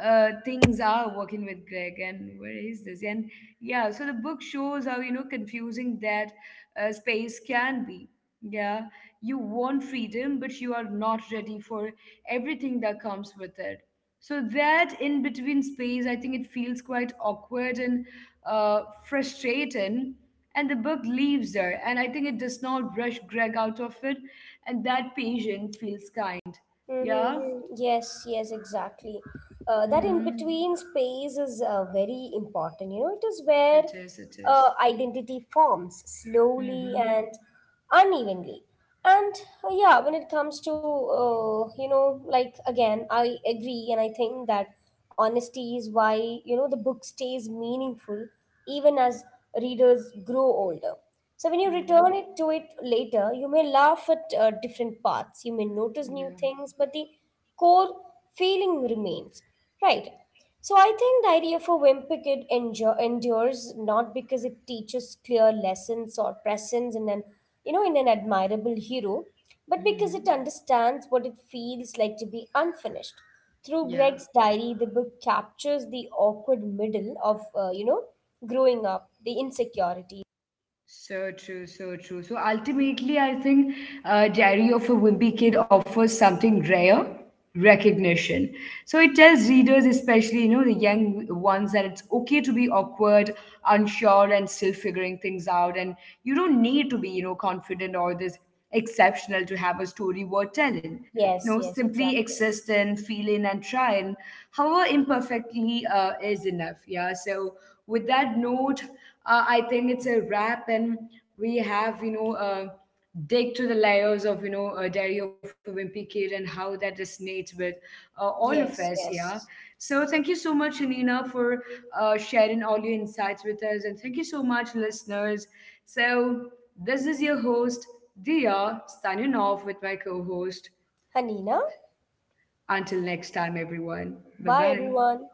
Speaker 1: things are working with Greg and where is this? And yeah, so the book shows how, confusing that space can be. Yeah, you want freedom, but you are not ready for everything that comes with it. So that in between space, I think it feels quite awkward and frustrating. And the book leaves there, and I think it does not rush Greg out of it. And that patient feels kind. Yeah.
Speaker 2: Mm-hmm. Yes, yes, exactly. That in
Speaker 1: Mhm.
Speaker 2: between space is very important. You know, it is where
Speaker 1: It is. It is.
Speaker 2: identity forms slowly and
Speaker 1: Mm-hmm.
Speaker 2: unevenly. And yeah, when it comes to, you know, like again, I agree and I think that honesty is why, you know, the book stays meaningful even as readers grow older. So when you
Speaker 1: Mm-hmm.
Speaker 2: return it to it later, you may laugh at different parts. You may notice
Speaker 1: Yeah.
Speaker 2: new things, but the core feeling remains. Right. So I think Diary of a Wimpy Kid endures not because it teaches clear lessons or presence in an, you know, in an admirable hero, but because it
Speaker 1: Mm-hmm.
Speaker 2: understands what it feels like to be unfinished. Through
Speaker 1: Yeah.
Speaker 2: Greg's diary, the book captures the awkward middle of, you know, growing up, the insecurity.
Speaker 1: So true, so true. So ultimately, I think Diary of a Wimpy Kid offers something rare: recognition. So it tells readers, especially the young ones, that it's okay to be awkward, unsure, and still figuring things out. And you don't need to be confident or this exceptional to have a story worth telling. You know,
Speaker 2: Yes, yes,
Speaker 1: simply
Speaker 2: exactly.
Speaker 1: exist and feel in and try. And however imperfectly is enough. Yeah. So with that note, I think it's a wrap, and we have dig to the layers of Diary of a Wimpy Kid and how that resonates with all of us.
Speaker 2: Yes,
Speaker 1: Yeah.
Speaker 2: yes.
Speaker 1: So thank you so much, Anina, for sharing all your insights with us, and thank you so much, listeners. So this is your host Dia signing off with my co-host.
Speaker 2: Hanina,
Speaker 1: Until next time, everyone. Bye
Speaker 2: bye
Speaker 1: bye.
Speaker 2: everyone.